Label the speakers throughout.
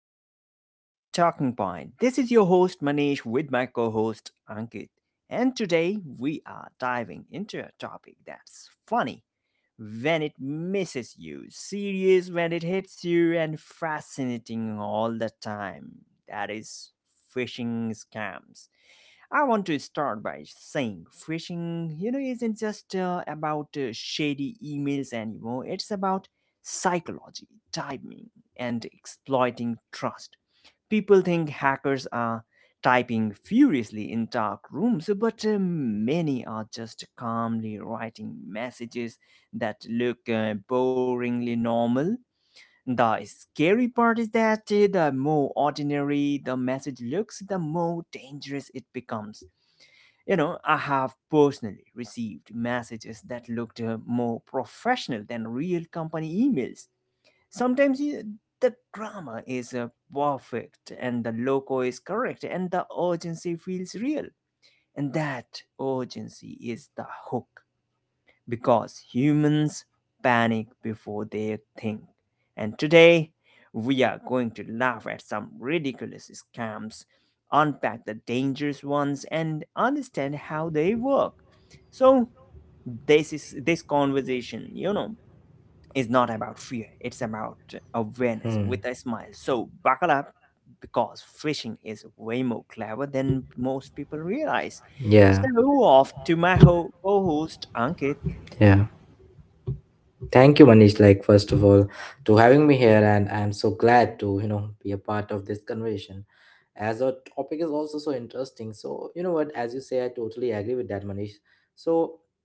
Speaker 1: in our show, The Talking Point. This is your host Manish with my co host Ankit. And today we are diving into a topic that's funny when it misses you, serious when it hits you, and fascinating all the time. That is phishing scams. I want to start by saying phishing, isn't just about shady emails anymore. It's about psychology, timing, and exploiting trust. People think hackers are typing furiously in dark rooms, but many are just calmly writing messages that look boringly normal. The scary part is that the more ordinary the message looks, the more dangerous it becomes. I have personally received messages that looked more professional than real company emails. Sometimes you, the grammar is perfect and the logo is correct and the urgency feels real. And that urgency is the hook because humans panic before they think. And today, we are going to laugh at some ridiculous scams, unpack the dangerous ones, and understand how they work. So, this conversation is not about fear, it's about awareness
Speaker 2: Hmm.
Speaker 1: with a smile. So, buckle up because phishing is way more clever than most people realize.
Speaker 2: Yeah,
Speaker 1: So, off to my co host, Ankit.
Speaker 2: yeah. Thank you, Manish. Like, first of all, to having me here, and I'm so glad to be a part of this conversation. As our topic is also so interesting, so you know what? As you say, I totally agree with that, Manish. So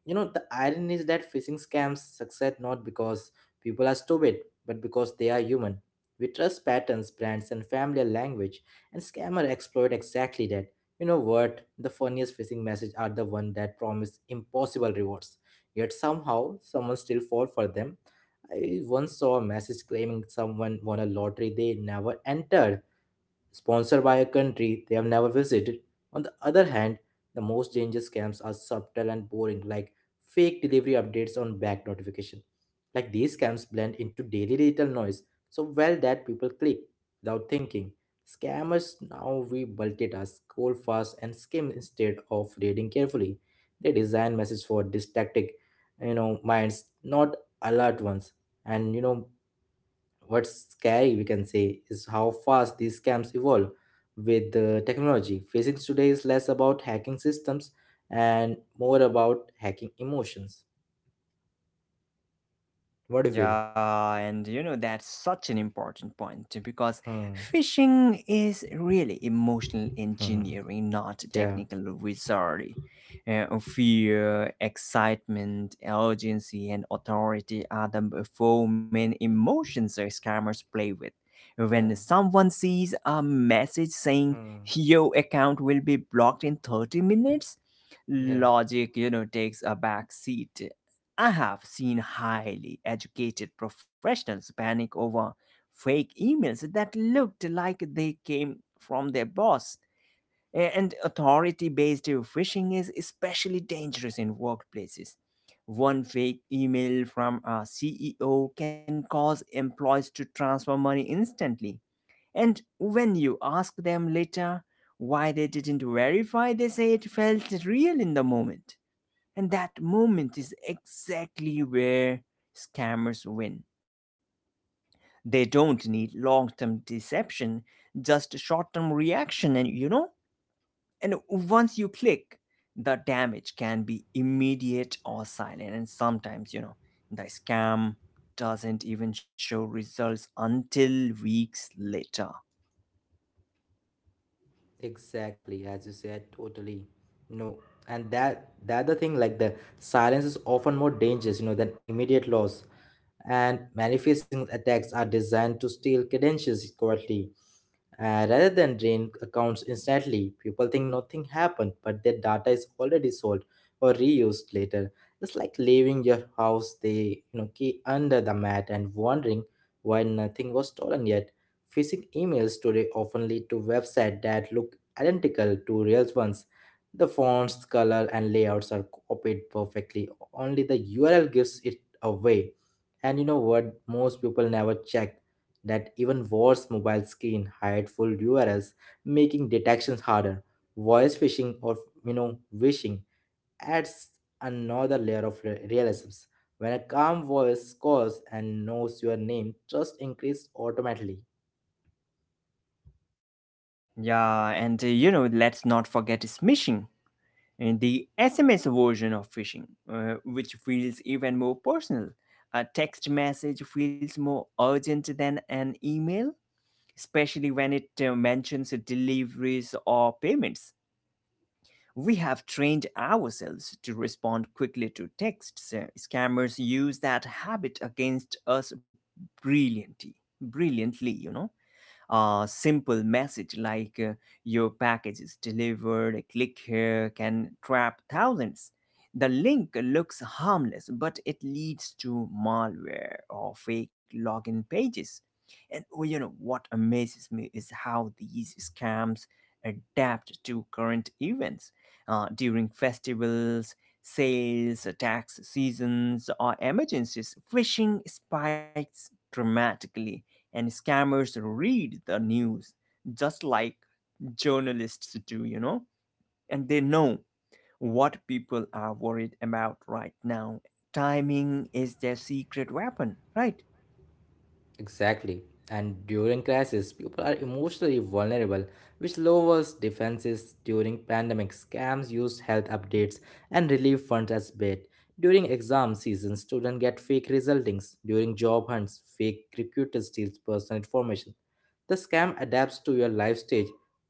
Speaker 2: the irony is that phishing scams succeed not because people are stupid, but because they are human. We trust patterns, brands, and familiar language, and scammer exploit exactly that. You know what? The funniest phishing message are the one that promise impossible rewards. Yet somehow, someone still fall for them. I once saw a message claiming someone won a lottery they never entered, sponsored by a country they have never visited. On the other hand, the most dangerous scams are subtle and boring, like fake delivery updates on back notification. Like these scams blend into daily digital noise so well that people click without thinking. Scammers now we multitask, scroll fast, and skim instead of reading carefully. They design messages for distracted, minds, not alert ones. And what's scary, we can say, is how fast these scams evolve with the technology. Phishing today is less about hacking systems and more about hacking emotions. What do you feel?
Speaker 1: Yeah, and you know, that's such an important point because
Speaker 2: Hmm.
Speaker 1: phishing is really emotional
Speaker 2: Hmm.
Speaker 1: engineering, not
Speaker 2: Yeah.
Speaker 1: technical wizardry. Fear, excitement, urgency, and authority are the four main emotions that scammers play with. When
Speaker 2: Yeah.
Speaker 1: someone sees a message saying
Speaker 2: Hmm.
Speaker 1: your account will be blocked in 30 minutes,
Speaker 2: Yeah.
Speaker 1: logic, you know, takes a back seat. I have seen highly educated professionals panic over fake emails that looked like they came from their boss. And authority based phishing is especially dangerous in workplaces. One fake email from a CEO can cause employees to transfer money instantly. And when you ask them later why they didn't verify, they say it felt real in the moment. And that moment is exactly where scammers win. They don't need long term deception, just short term reaction. And you know, and once you click, the damage can be immediate or silent. And sometimes, you know, the scam doesn't even show results until weeks later.
Speaker 2: Exactly. As you said, totally. No. And that the thing like the silence is often more dangerous, than immediate loss. And manifesting attacks are designed to steal credentials quickly, rather than drain accounts instantly. People think nothing happened, but their data is already sold or reused later. It's like leaving your house the key under the mat and wondering why nothing was stolen yet. Phishing emails today often lead to websites that look identical to real ones. The fonts, color, and layouts are copied perfectly. Only the URL gives it away. And you know what? Most people never check that. Even worse, mobile screen hide full URLs, making detections harder. Voice phishing or you know wishing adds another layer of realisms. When a calm voice calls and knows your name, trust increases automatically.
Speaker 1: Yeah, and you know, let's not forget smishing, the SMS version of phishing, which feels even more personal. A text message feels more urgent than an email, especially when it mentions deliveries or payments. We have trained ourselves to respond quickly to texts. Scammers use that habit against us brilliantly, brilliantly, you know, a simple message like your package is delivered, click here, can trap thousands. The link looks harmless, but it leads to malware or fake login pages. And oh, you know what amazes me is how these scams adapt to current events during festivals, sales, tax seasons, or emergencies. Phishing spikes dramatically and scammers read the news just like journalists do, you know, and they know what people are worried about right now. Timing is their secret weapon, right?
Speaker 2: Exactly. And during crisis, people are emotionally vulnerable, which lowers defenses. During pandemic, scams use health updates and relief funds as bait. During exam season, students get fake resultings. During job hunts, fake recruiters steal personal information. The scam adapts to your life stage,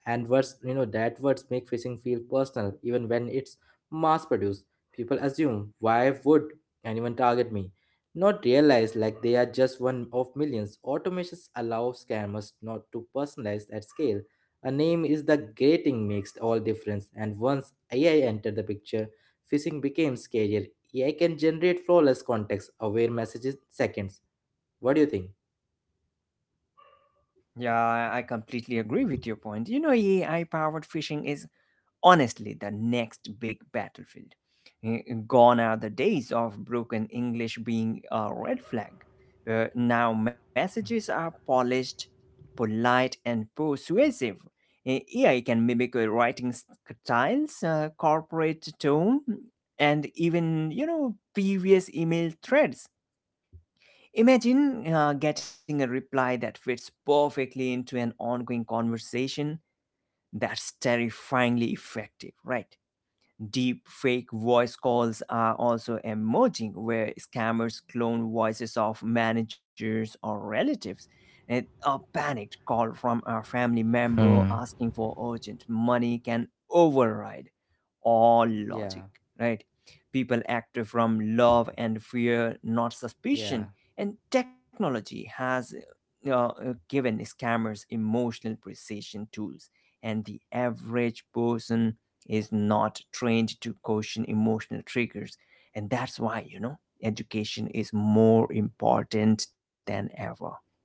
Speaker 2: and words, that words make phishing feel personal, even when it's mass produced. People assume, why would anyone target me? Not realize like they are just one of millions. Automations allow scammers not to personalize at scale. A name is the grating makes all difference, and once AI entered the picture, phishing became scarier. AI can generate flawless context aware messages in seconds. What do you think?
Speaker 1: Yeah, I completely agree with your point. You know, AI powered phishing is honestly the next big battlefield. Eh, Gone are the days of broken English being a red flag. Now messages are polished, polite, and persuasive. AI can mimic writing styles, corporate tone, and even previous email threads. Imagine getting a reply that fits perfectly into an ongoing conversation. That's terrifyingly effective, right? Deep fake voice calls are also emerging, where scammers clone voices of managers or relatives. And a panicked call from a family member
Speaker 2: Hmm.
Speaker 1: asking for urgent money can override all
Speaker 2: Yeah,
Speaker 1: logic, right? People act from love and fear, not
Speaker 2: yeah.
Speaker 1: suspicion. And technology has given scammers emotional precision tools, and the average person is not trained to caution emotional triggers. And that's why, you know, education is more important than ever, right?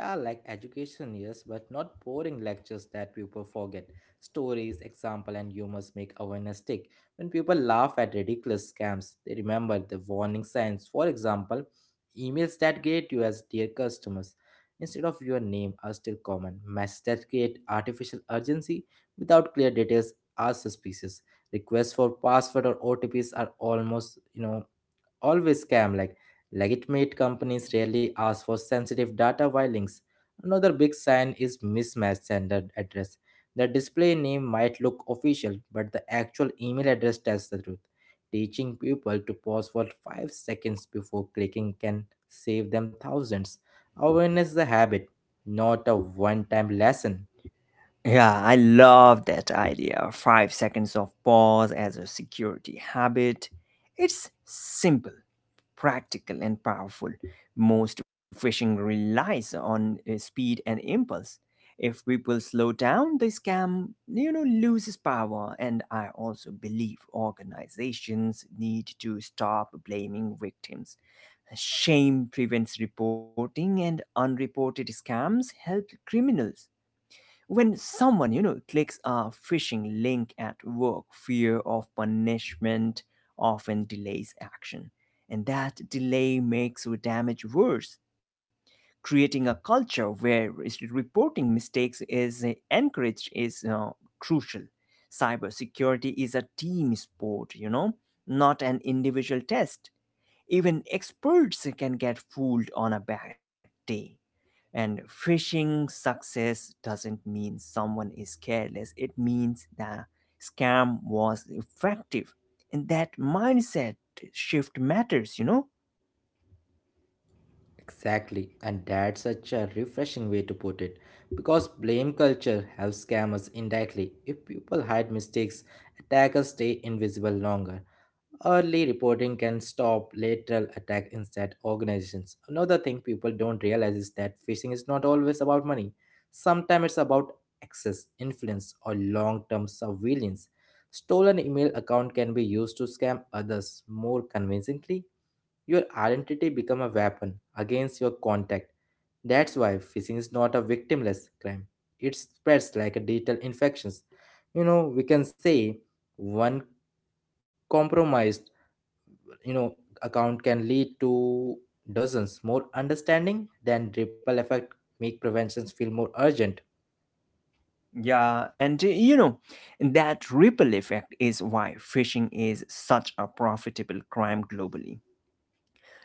Speaker 2: Yeah, like education, yes, but not boring lectures that people forget. Stories, example, and humor make awareness stick. When people laugh at ridiculous scams, they remember the warning signs. For example, emails that greet you as dear customers instead of your name are still common. Messages that create artificial urgency without clear details are suspicious. Requests for password or OTPs are almost, you know, always scam like legitimate companies rarely ask for sensitive data via links. Another big sign is mismatched sender address. The display name might look official, but the actual email address tells the truth. Teaching people to pause for 5 seconds before clicking can save them thousands. Awareness is a habit, not a one time lesson.
Speaker 1: Yeah, I love that idea. 5 seconds of pause as a security habit. It's simple, practical and powerful. Most fishing relies on speed and impulse. If people slow down, the scam, you know, loses power. And I also believe organizations need to stop blaming victims. Shame prevents reporting, and unreported scams help criminals when someone you know clicks a phishing link at work fear of punishment often delays action and that delay makes damage worse creating a culture where reporting mistakes is encouraged is crucial. Cybersecurity is a team sport, you know, not an individual test. Even experts can get fooled on a bad day. And phishing success doesn't mean someone is careless, it means the scam was effective. And that mindset shift matters, you know?
Speaker 2: Exactly, and that's such a refreshing way to put it because blame culture helps scammers indirectly. If people hide mistakes, attackers stay invisible longer. Early reporting can stop lateral attack instead organizations. Another thing people don't realize is that phishing is not always about money. Sometimes it's about access, influence, or long-term surveillance. Stolen email account can be used to scam others more convincingly. Your identity become a weapon against your contact. That's why phishing is not a victimless crime. It spreads like a digital infections. You know, we can say one compromised you know account can lead to dozens more. Understanding than ripple effect make preventions feel more urgent.
Speaker 1: Yeah, and you know, that ripple effect is why phishing is such a profitable crime globally.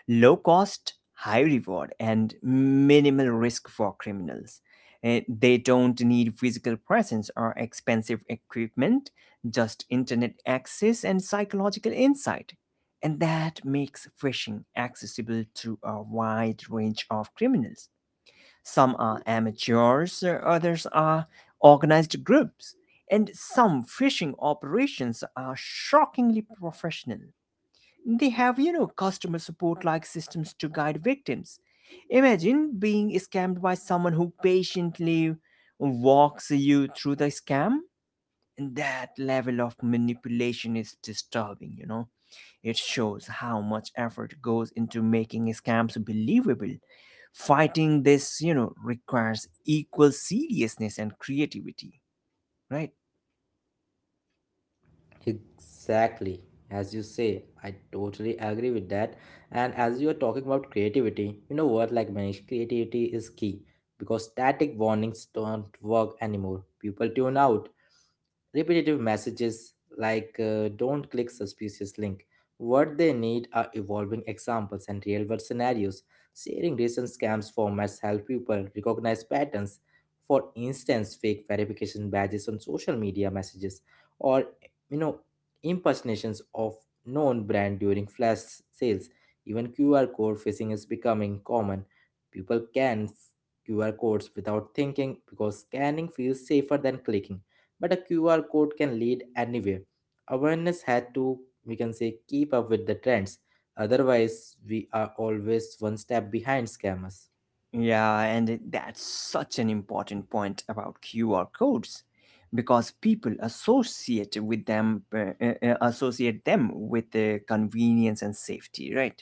Speaker 1: Low cost, high reward, and minimal risk for criminals. They don't need physical presence or expensive equipment, just internet access and psychological insight. And that makes phishing accessible to a wide range of criminals. Some are amateurs, others are organized groups, and some phishing operations are shockingly professional. They have, you know, customer support like systems to guide victims. Imagine being scammed by someone who patiently walks you through the scam. And that level of manipulation is disturbing, you know. It shows how much effort goes into making scams believable. Fighting this, you know, requires equal seriousness and creativity, right?
Speaker 2: Exactly, as you say, I totally agree with that. And as you are talking about creativity, you know what like Manish, creativity is key because static warnings don't work anymore. People tune out repetitive messages like don't click suspicious link. What they need are evolving examples and real world scenarios. Sharing recent scams formats help people recognize patterns. For instance, fake verification badges on social media messages or you know impersonations of known brand during flash sales. Even QR code phishing is becoming common. People can QR codes without thinking because scanning feels safer than clicking, but a QR code can lead anywhere. Awareness had to, we can say, keep up with the trends. Otherwise, we are always one step behind scammers.
Speaker 1: Yeah, and that's such an important point about QR codes because people associate with them associate them with convenience and safety, right?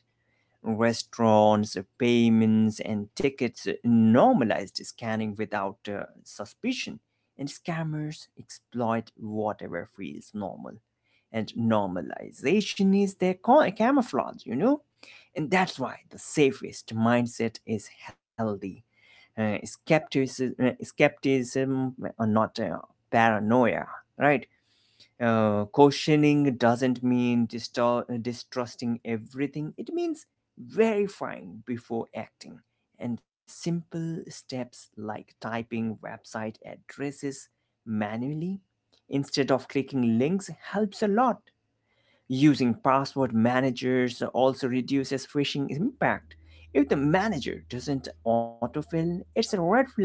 Speaker 1: Restaurants, payments, and tickets normalized scanning without suspicion, and scammers exploit whatever feels normal. And normalization is their camouflage, you know? And that's why the safest mindset is healthy. Skepticism or not paranoia, right? Questioning doesn't mean distrusting everything, it means verifying before acting. And simple steps like typing website addresses manually instead of clicking links helps a lot. Using password managers also reduces phishing impact. If the manager doesn't autofill, it's a red flag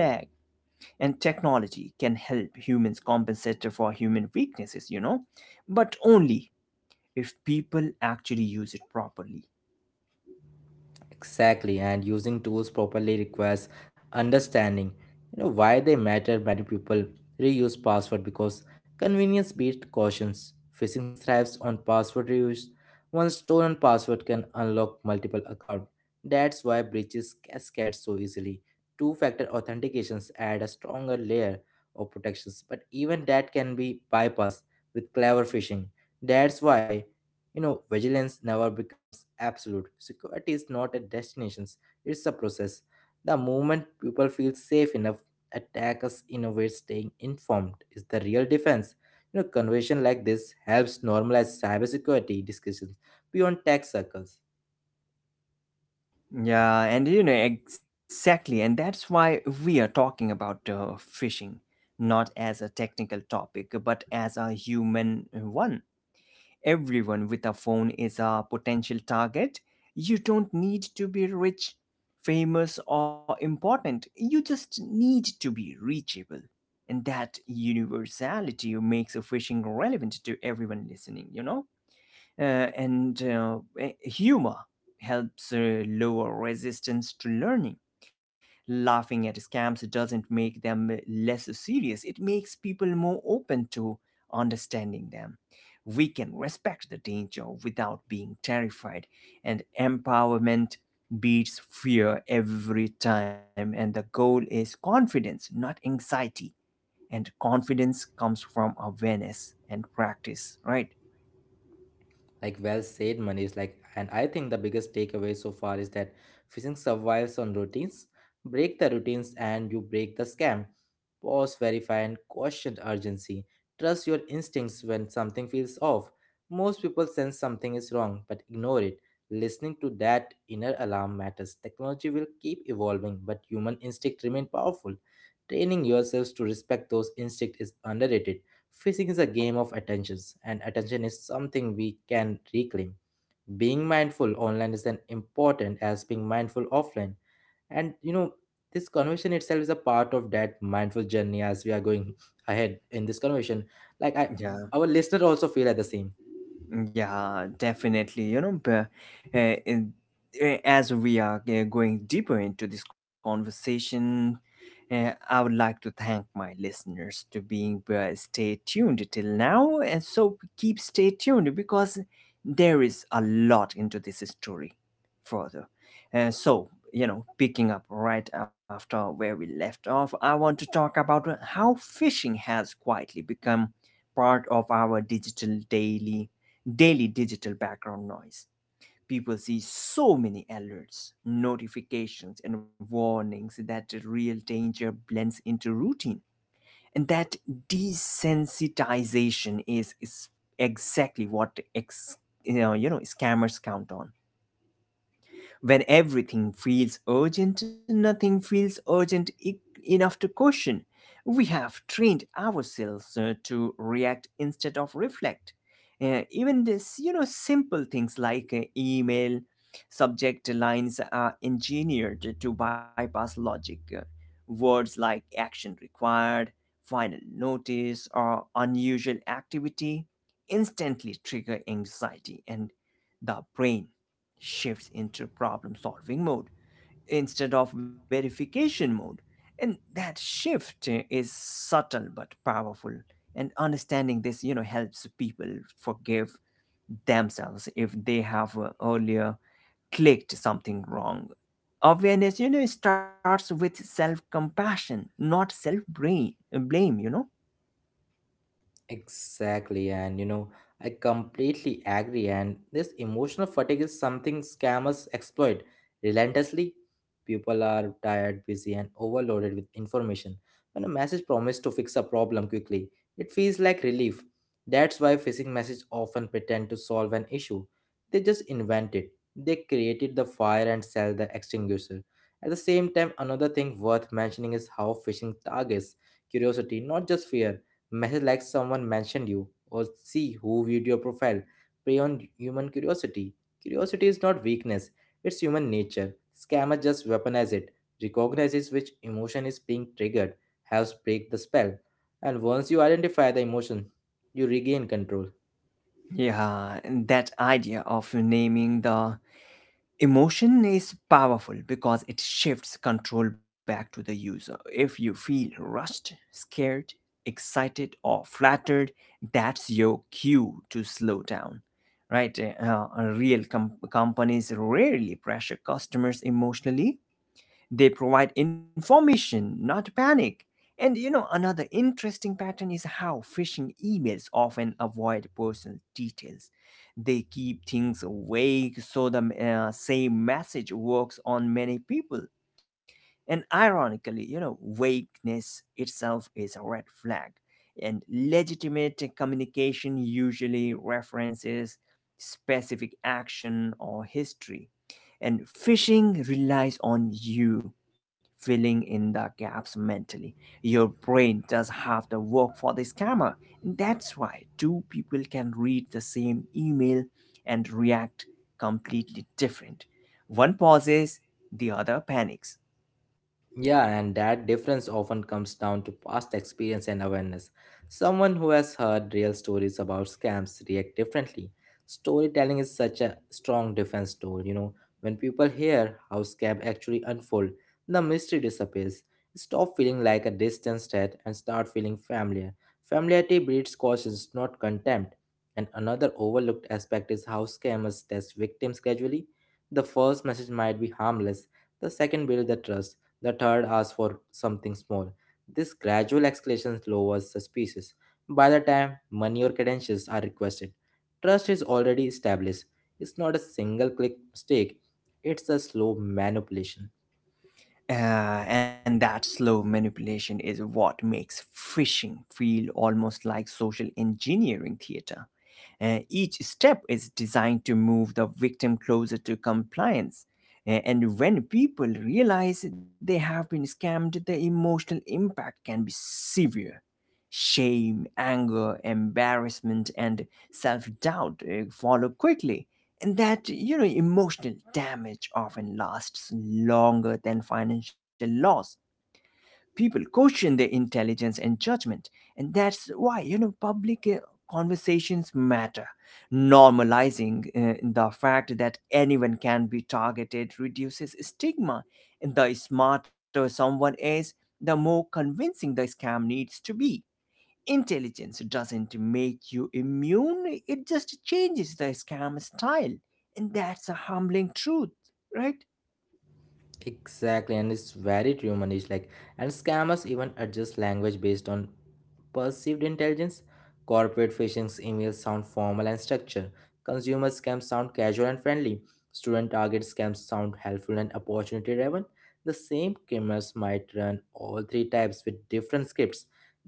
Speaker 1: and technology can help humans compensate for human weaknesses, you know, but only if people actually use it properly.
Speaker 2: Exactly, and using tools properly requires understanding. You know why they matter. Many people reuse password because convenience beats cautions. Phishing thrives on password reuse. One stolen password can unlock multiple accounts. That's why breaches cascade so easily. Two-factor authentications add a stronger layer of protections, but even that can be bypassed with clever phishing. That's why vigilance never becomes absolute. Security is not a destination, it's a process. The moment people feel safe enough, attackers innovate. Staying informed is the real defense. You know, conversation like this helps normalize cybersecurity discussions beyond tech circles.
Speaker 1: Yeah, and you know, exactly. And that's why we are talking about fishing, not as a technical topic, but as a human one. Everyone with a phone is a potential target. You don't need to be rich, famous, or important. You just need to be reachable. And that universality makes fishing relevant to everyone listening, you know? Humor helps lower resistance to learning. Laughing at scams doesn't make them less serious, it makes people more open to understanding them. We can respect the danger without being terrified, and empowerment beats fear every time. And the goal is confidence, not anxiety. And confidence comes from awareness and practice, right?
Speaker 2: Like well said, Manish. Like, and I think the biggest takeaway so far is that phishing survives on routines. Break the routines and you break the scam. Pause, verify, and question urgency. Trust your instincts when something feels off. Most people sense something is wrong but ignore it. Listening to that inner alarm matters. Technology will keep evolving, but human instinct remains powerful. Training yourselves to respect those instincts is underrated. Fishing is a game of attentions, and attention is something we can reclaim. Being mindful online is as important as being mindful offline. And this conversation itself is a part of that mindful journey. As we are going ahead in this conversation, like I
Speaker 1: Yeah.
Speaker 2: our listener also feel at the same.
Speaker 1: Yeah, definitely. You know, but, uh, in- as we are going deeper into this conversation, I would like to thank my listeners to being stay tuned till now, and so keep stay tuned because there is a lot into this story further. So, you know, picking up right after where we left off, I want to talk about how fishing has quietly become part of our digital daily daily digital background noise. People see so many alerts, notifications, and warnings that the real danger blends into routine. And that desensitization is exactly what you know scammers count on when everything feels urgent, nothing feels urgent enough to question. We have trained ourselves to react instead of reflect. Even this, you know, simple things like email, subject lines are engineered to bypass logic. Words like action required, final notice, or unusual activity instantly trigger anxiety and the brain shifts into problem solving mode instead of verification mode. And that shift is subtle but powerful. And understanding this, you know, helps people forgive themselves if they have earlier clicked something wrong. Awareness, you know, starts with self compassion, not self blame, you know?
Speaker 2: Exactly, and I completely agree. And this emotional fatigue is something scammers exploit relentlessly. People are tired, busy, and overloaded with information. When a message promises to fix a problem quickly, it feels like relief. That's why phishing messages often pretend to solve an issue. They just invent it. They created the fire and sell the extinguisher. At the same time, another thing worth mentioning is how phishing targets curiosity, not just fear. Message like someone mentioned you, or see who viewed your profile. Prey on human curiosity. Curiosity is not weakness, it's human nature. Scammers just weaponize it, recognizes which emotion is being triggered, helps break the spell. And once you identify the emotion, you regain control.
Speaker 1: Yeah, and that idea of naming the Emotion is powerful because it shifts control back to the user. If you feel rushed, scared, excited, or flattered, that's your cue to slow down. Right? Real companies rarely pressure customers emotionally, they provide information, not panic. And you know, another interesting pattern is how phishing emails often avoid personal details. They keep things vague so the same message works on many people. And ironically, you know, vagueness itself is a red flag. And legitimate communication usually references specific action or history. And phishing relies on you filling in the gaps mentally. Your brain does half the work for the scammer. That's why two people can read the same email and react completely different. One pauses, the other panics.
Speaker 2: Yeah, and that difference often comes down to past experience and awareness. Someone who has heard real stories about scams react differently. Storytelling is such a strong defense tool, When people hear how scam actually unfold, the mystery disappears. Stop feeling like a distant threat and start feeling familiar. Familiarity breeds caution, not contempt. And another overlooked aspect is how scammers test victims gradually. The first message might be harmless, the second builds the trust, the third asks for something small. This gradual escalation lowers suspicions. By the time money or credentials are requested, trust is already established. It's not a single click mistake, it's a slow manipulation.
Speaker 1: Uh, and that slow manipulation is what makes phishing feel almost like social engineering theater. Each step is designed to move the victim closer to compliance. And when people realize they have been scammed, the emotional impact can be severe. Shame, anger, embarrassment, and self doubt follow quickly. And that, you know, emotional damage often lasts longer than financial loss. People question their intelligence and judgment. And that's why, you know, public conversations matter. Normalizing the fact that anyone can be targeted reduces stigma. And the smarter someone is, the more convincing the scam needs to be. Intelligence doesn't make you immune, it just changes the scam style. And that's a humbling truth, right?
Speaker 2: Exactly, and it's very true, Manish. Like, and scammers even adjust language based on perceived intelligence. Corporate phishing emails sound formal and structured. Consumer scams sound casual and friendly. Student target scams sound helpful and opportunity driven. The same criminals might run all three types with different scripts.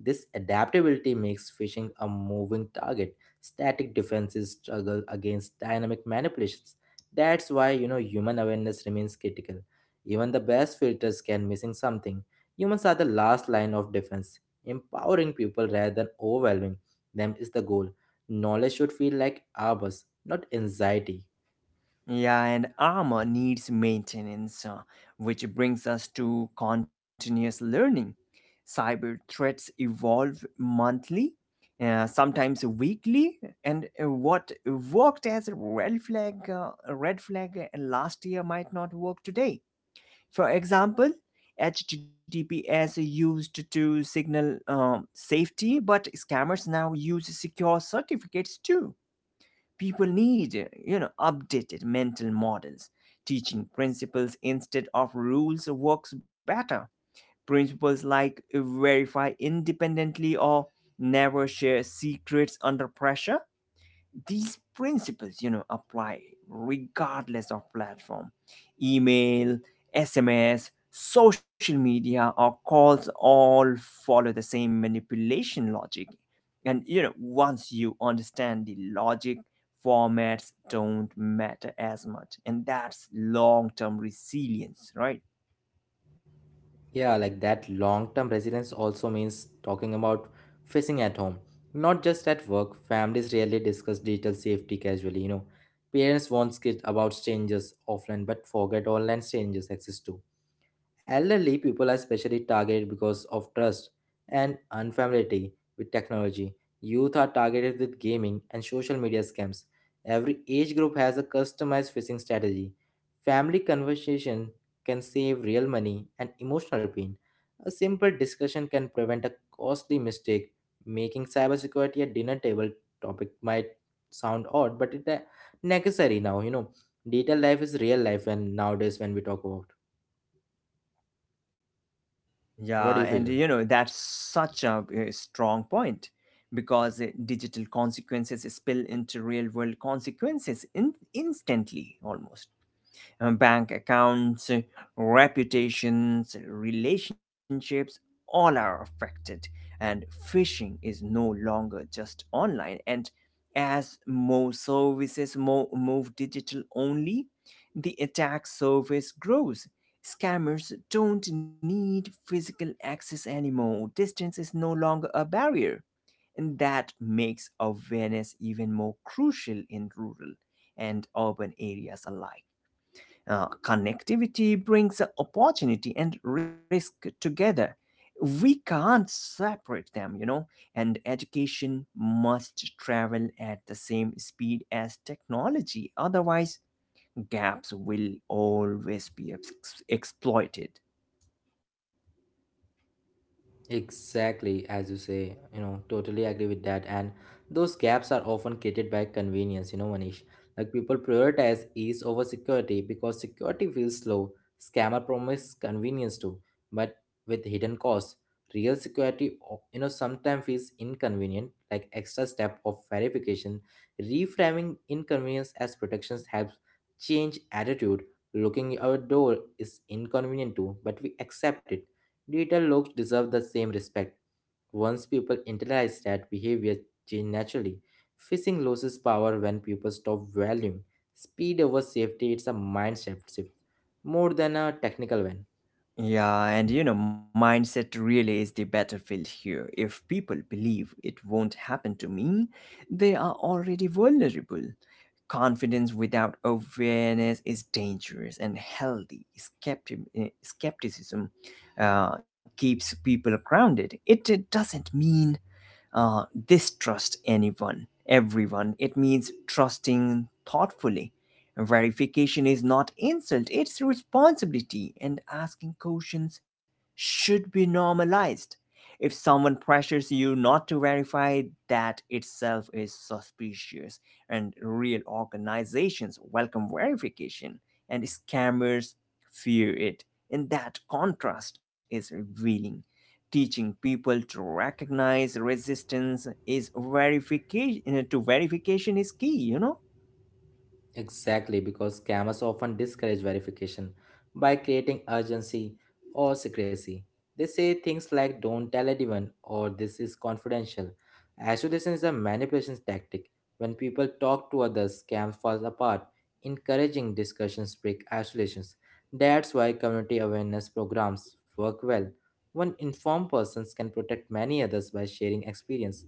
Speaker 2: This adaptability makes phishing a moving target. Static defenses struggle against dynamic manipulations. That's why human awareness remains critical. Even the best filters can missing something. Humans are the last line of defense. Empowering people rather than overwhelming them is the goal. Knowledge should feel like ours, not anxiety.
Speaker 1: Yeah, and armor needs maintenance, which brings us to continuous learning. Cyber threats evolve monthly, sometimes weekly, and what worked as a red flag, last year might not work today. For example, HTTPS used to signal safety, but scammers now use secure certificates too. People need, you know, updated mental models. Teaching principles instead of rules works better. Principles like verify independently or never share secrets under pressure, these principles, you know, apply regardless of platform. Email, SMS, social media, or calls all follow the same manipulation logic. And you know, once you understand the logic, formats don't matter as much. And that's long-term resilience, right?
Speaker 2: Yeah, like that long term resilience also means talking about facing at home. Not just at work, families rarely discuss digital safety casually, Parents warn kids about strangers offline but forget online strangers exist too. Elderly people are especially targeted because of trust and unfamiliarity with technology. Youth are targeted with gaming and social media scams. Every age group has a customized phishing strategy. Family conversation can save real money and emotional pain. A simple discussion can prevent a costly mistake. Making cybersecurity a dinner table topic might sound odd, but it's necessary now, Digital life is real life and nowadays when we talk about. What do you
Speaker 1: Yeah,
Speaker 2: feel?
Speaker 1: and you know, that's such a, strong point because digital consequences spill into real world consequences, instantly almost. Bank accounts, reputations, relationships, all are affected. And phishing is no longer just online. And as more services move digital only, the attack surface grows. Scammers don't need physical access anymore. Distance is no longer a barrier. And that makes awareness even more crucial in rural and urban areas alike. Connectivity brings opportunity and risk together. We can't separate them, you know, and education must travel at the same speed as technology. Otherwise, gaps will always be exploited.
Speaker 2: Exactly, as you say, totally agree with that. And those gaps are often created by convenience, Manish. Like people prioritize ease over security because security feels slow. Scammer promise convenience too, but with hidden costs. Real security, sometimes feels inconvenient, like extra step of verification. Reframing inconvenience as protections helps change attitude. Looking our door is inconvenient too, but we accept it. Digital looks deserve the same respect. Once people internalize that, behavior change naturally. Phishing loses power when people stop valuing speed over safety. It's a mindset shift more than a technical one.
Speaker 1: Yeah, and you know, mindset really is the battlefield here. If people believe it won't happen to me, they are already vulnerable. Confidence without awareness is dangerous, and healthy skepticism keeps people grounded. It doesn't mean uh, distrust anyone, everyone. It means trusting thoughtfully. Verification is not insult, it's responsibility, and asking questions should be normalized. If someone pressures you not to verify, that itself is suspicious, and real organizations welcome verification, and scammers fear it. And that contrast is revealing, teaching people to recognize resistance is verification to verification is key, you know.
Speaker 2: Exactly, because scammers often discourage verification by creating urgency or secrecy. They say things like don't tell anyone or this is confidential. Isolation is a manipulation tactic. When people talk to others, scams fall apart. Encouraging discussions break isolations. That's why community awareness programs work well. One informed person can protect many others by sharing experience.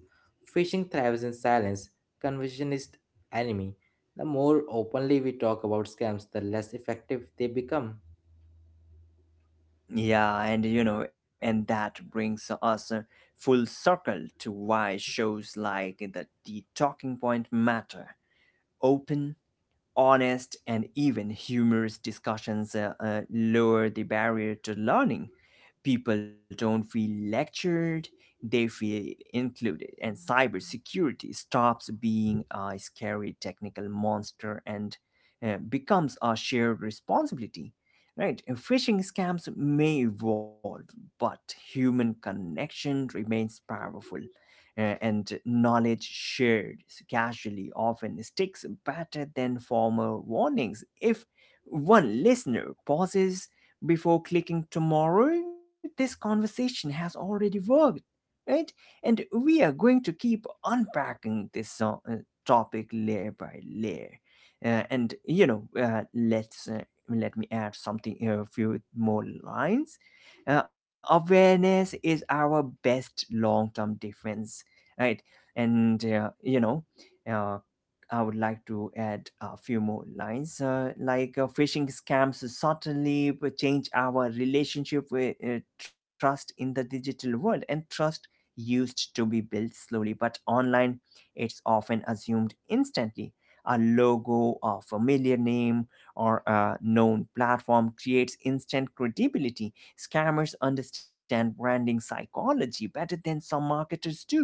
Speaker 2: Phishing thrives in silence, confusion is enemy. The more openly we talk about scams, the less effective they become.
Speaker 1: Yeah, and you know, and that brings us full circle to why shows like the talking point matter. Open, honest, and even humorous discussions lower the barrier to learning. People don't feel lectured, they feel included, and cybersecurity stops being a scary technical monster and becomes a shared responsibility. Right. And phishing scams may evolve, but human connection remains powerful, and knowledge shared casually often sticks better than formal warnings. If one listener pauses before clicking tomorrow, this conversation has already worked, right? And we are going to keep unpacking this topic layer by layer. And you know, let's Let me add something, a few more lines. Awareness is our best long-term defense, right? And uh, I would like to add a few more lines, like phishing scams suddenly change our relationship with trust in the digital world, and trust used to be built slowly, but online it's often assumed instantly. A logo, a familiar name, or a known platform creates instant credibility. Scammers understand branding psychology better than some marketers do.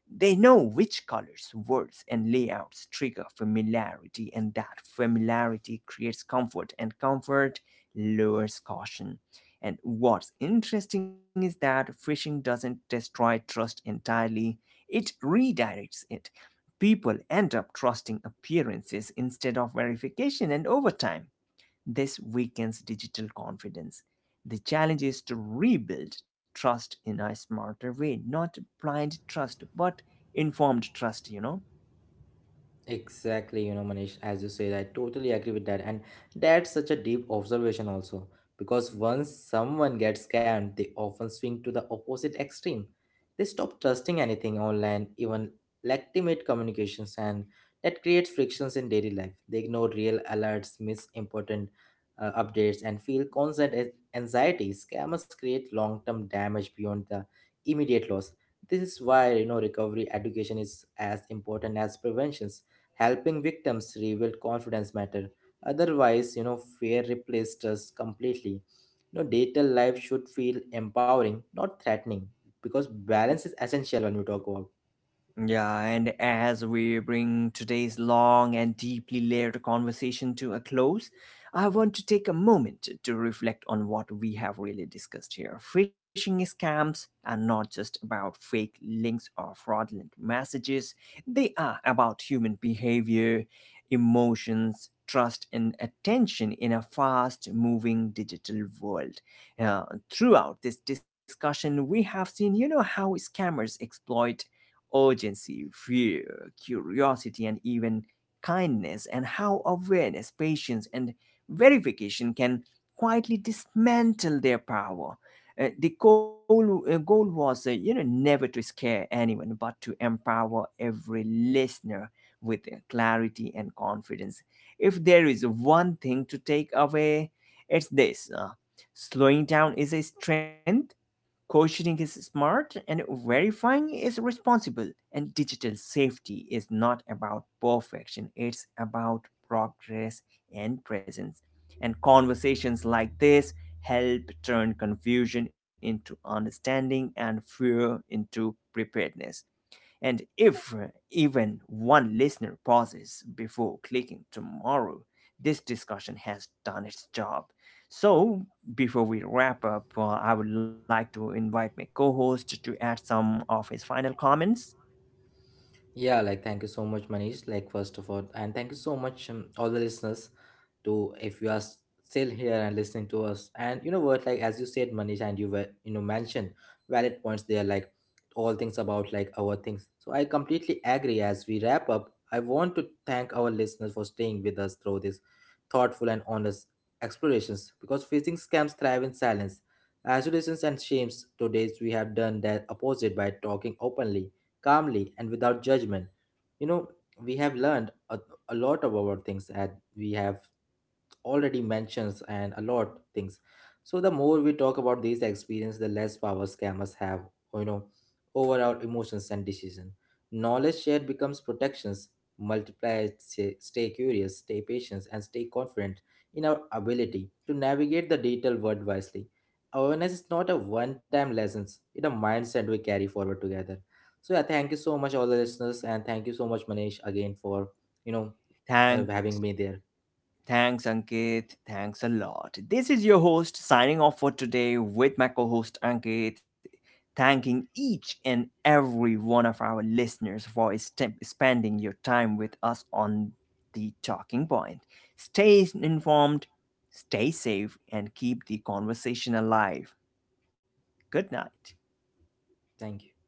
Speaker 1: They know which colors, words, and layouts trigger familiarity, and that familiarity creates comfort, and comfort lowers caution. And what's interesting is that phishing doesn't destroy trust entirely, it redirects it. People end up trusting appearances instead of verification, and over time, this weakens digital confidence. The challenge is to rebuild trust in a smarter way, not blind trust, but informed trust, you know.
Speaker 2: Exactly, Manish, as you said, I totally agree with that. And that's such a deep observation, also, because once someone gets scammed, they often swing to the opposite extreme. They stop trusting anything online, even legitimate communications, and that creates frictions in daily life. They ignore real alerts, miss important updates, and feel constant anxiety. Scammers create long term damage beyond the immediate loss. This is why recovery education is as important as prevention. Helping victims rebuild confidence matter, otherwise fear replaced us completely. You know, digital life should feel empowering, not threatening, because balance is essential when we talk about.
Speaker 1: Yeah, and as we bring today's long and deeply layered conversation to a close, I want to take a moment to reflect on what we have really discussed here. Phishing scams are not just about fake links or fraudulent messages, they are about human behavior, emotions, trust, and attention in a fast moving digital world. Uh, Throughout this discussion, we have seen, you know, how scammers exploit urgency, fear, curiosity, and even kindness, and how awareness, patience, and verification can quietly dismantle their power. The goal was, you know, never to scare anyone, but to empower every listener with clarity and confidence. If there is one thing to take away, it's this: slowing down is a strength. Questioning is smart, and verifying is responsible. And digital safety is not about perfection, it's about progress and presence. And conversations like this help turn confusion into understanding and fear into preparedness. And if even one listener pauses before clicking tomorrow, this discussion has done its job. So, before we wrap up, I would like to invite my co host to add some of his final comments.
Speaker 2: Yeah, like thank you so much, Manish, like first of all, and thank you so much, all the listeners, to if you are still here and listening to us. And you know what, like as you said, Manish, and you were mentioned valid points there, like all things about like our things. So I completely agree. As we wrap up, I want to thank our listeners for staying with us through this thoughtful and honest explorations because phishing scams thrive in silence. Isolations and shames today we have done that opposite by talking openly, calmly, and without judgment. You know, we have learned a lot of our things and we have already mentions and a lot things. So the more we talk about these experience, the less power scammers have, you know, over our emotions and decision. Knowledge shared becomes protections. Multiply, stay curious, stay patient, and stay confident in our ability to navigate the digital world wisely. Awareness is not a one-time lessons; it's a mindset we carry forward together. So yeah, thank you so much, all the listeners, and thank you so much, Manish, again for you know
Speaker 1: Thank
Speaker 2: having me there.
Speaker 1: Thanks, Ankit. Thanks a lot. This is your host signing off for today with my co host Ankit, thanking each and every one of our listeners for spending your time with us on the talking point. Stay informed, stay safe, and keep the conversation alive. Good night.
Speaker 2: Thank you.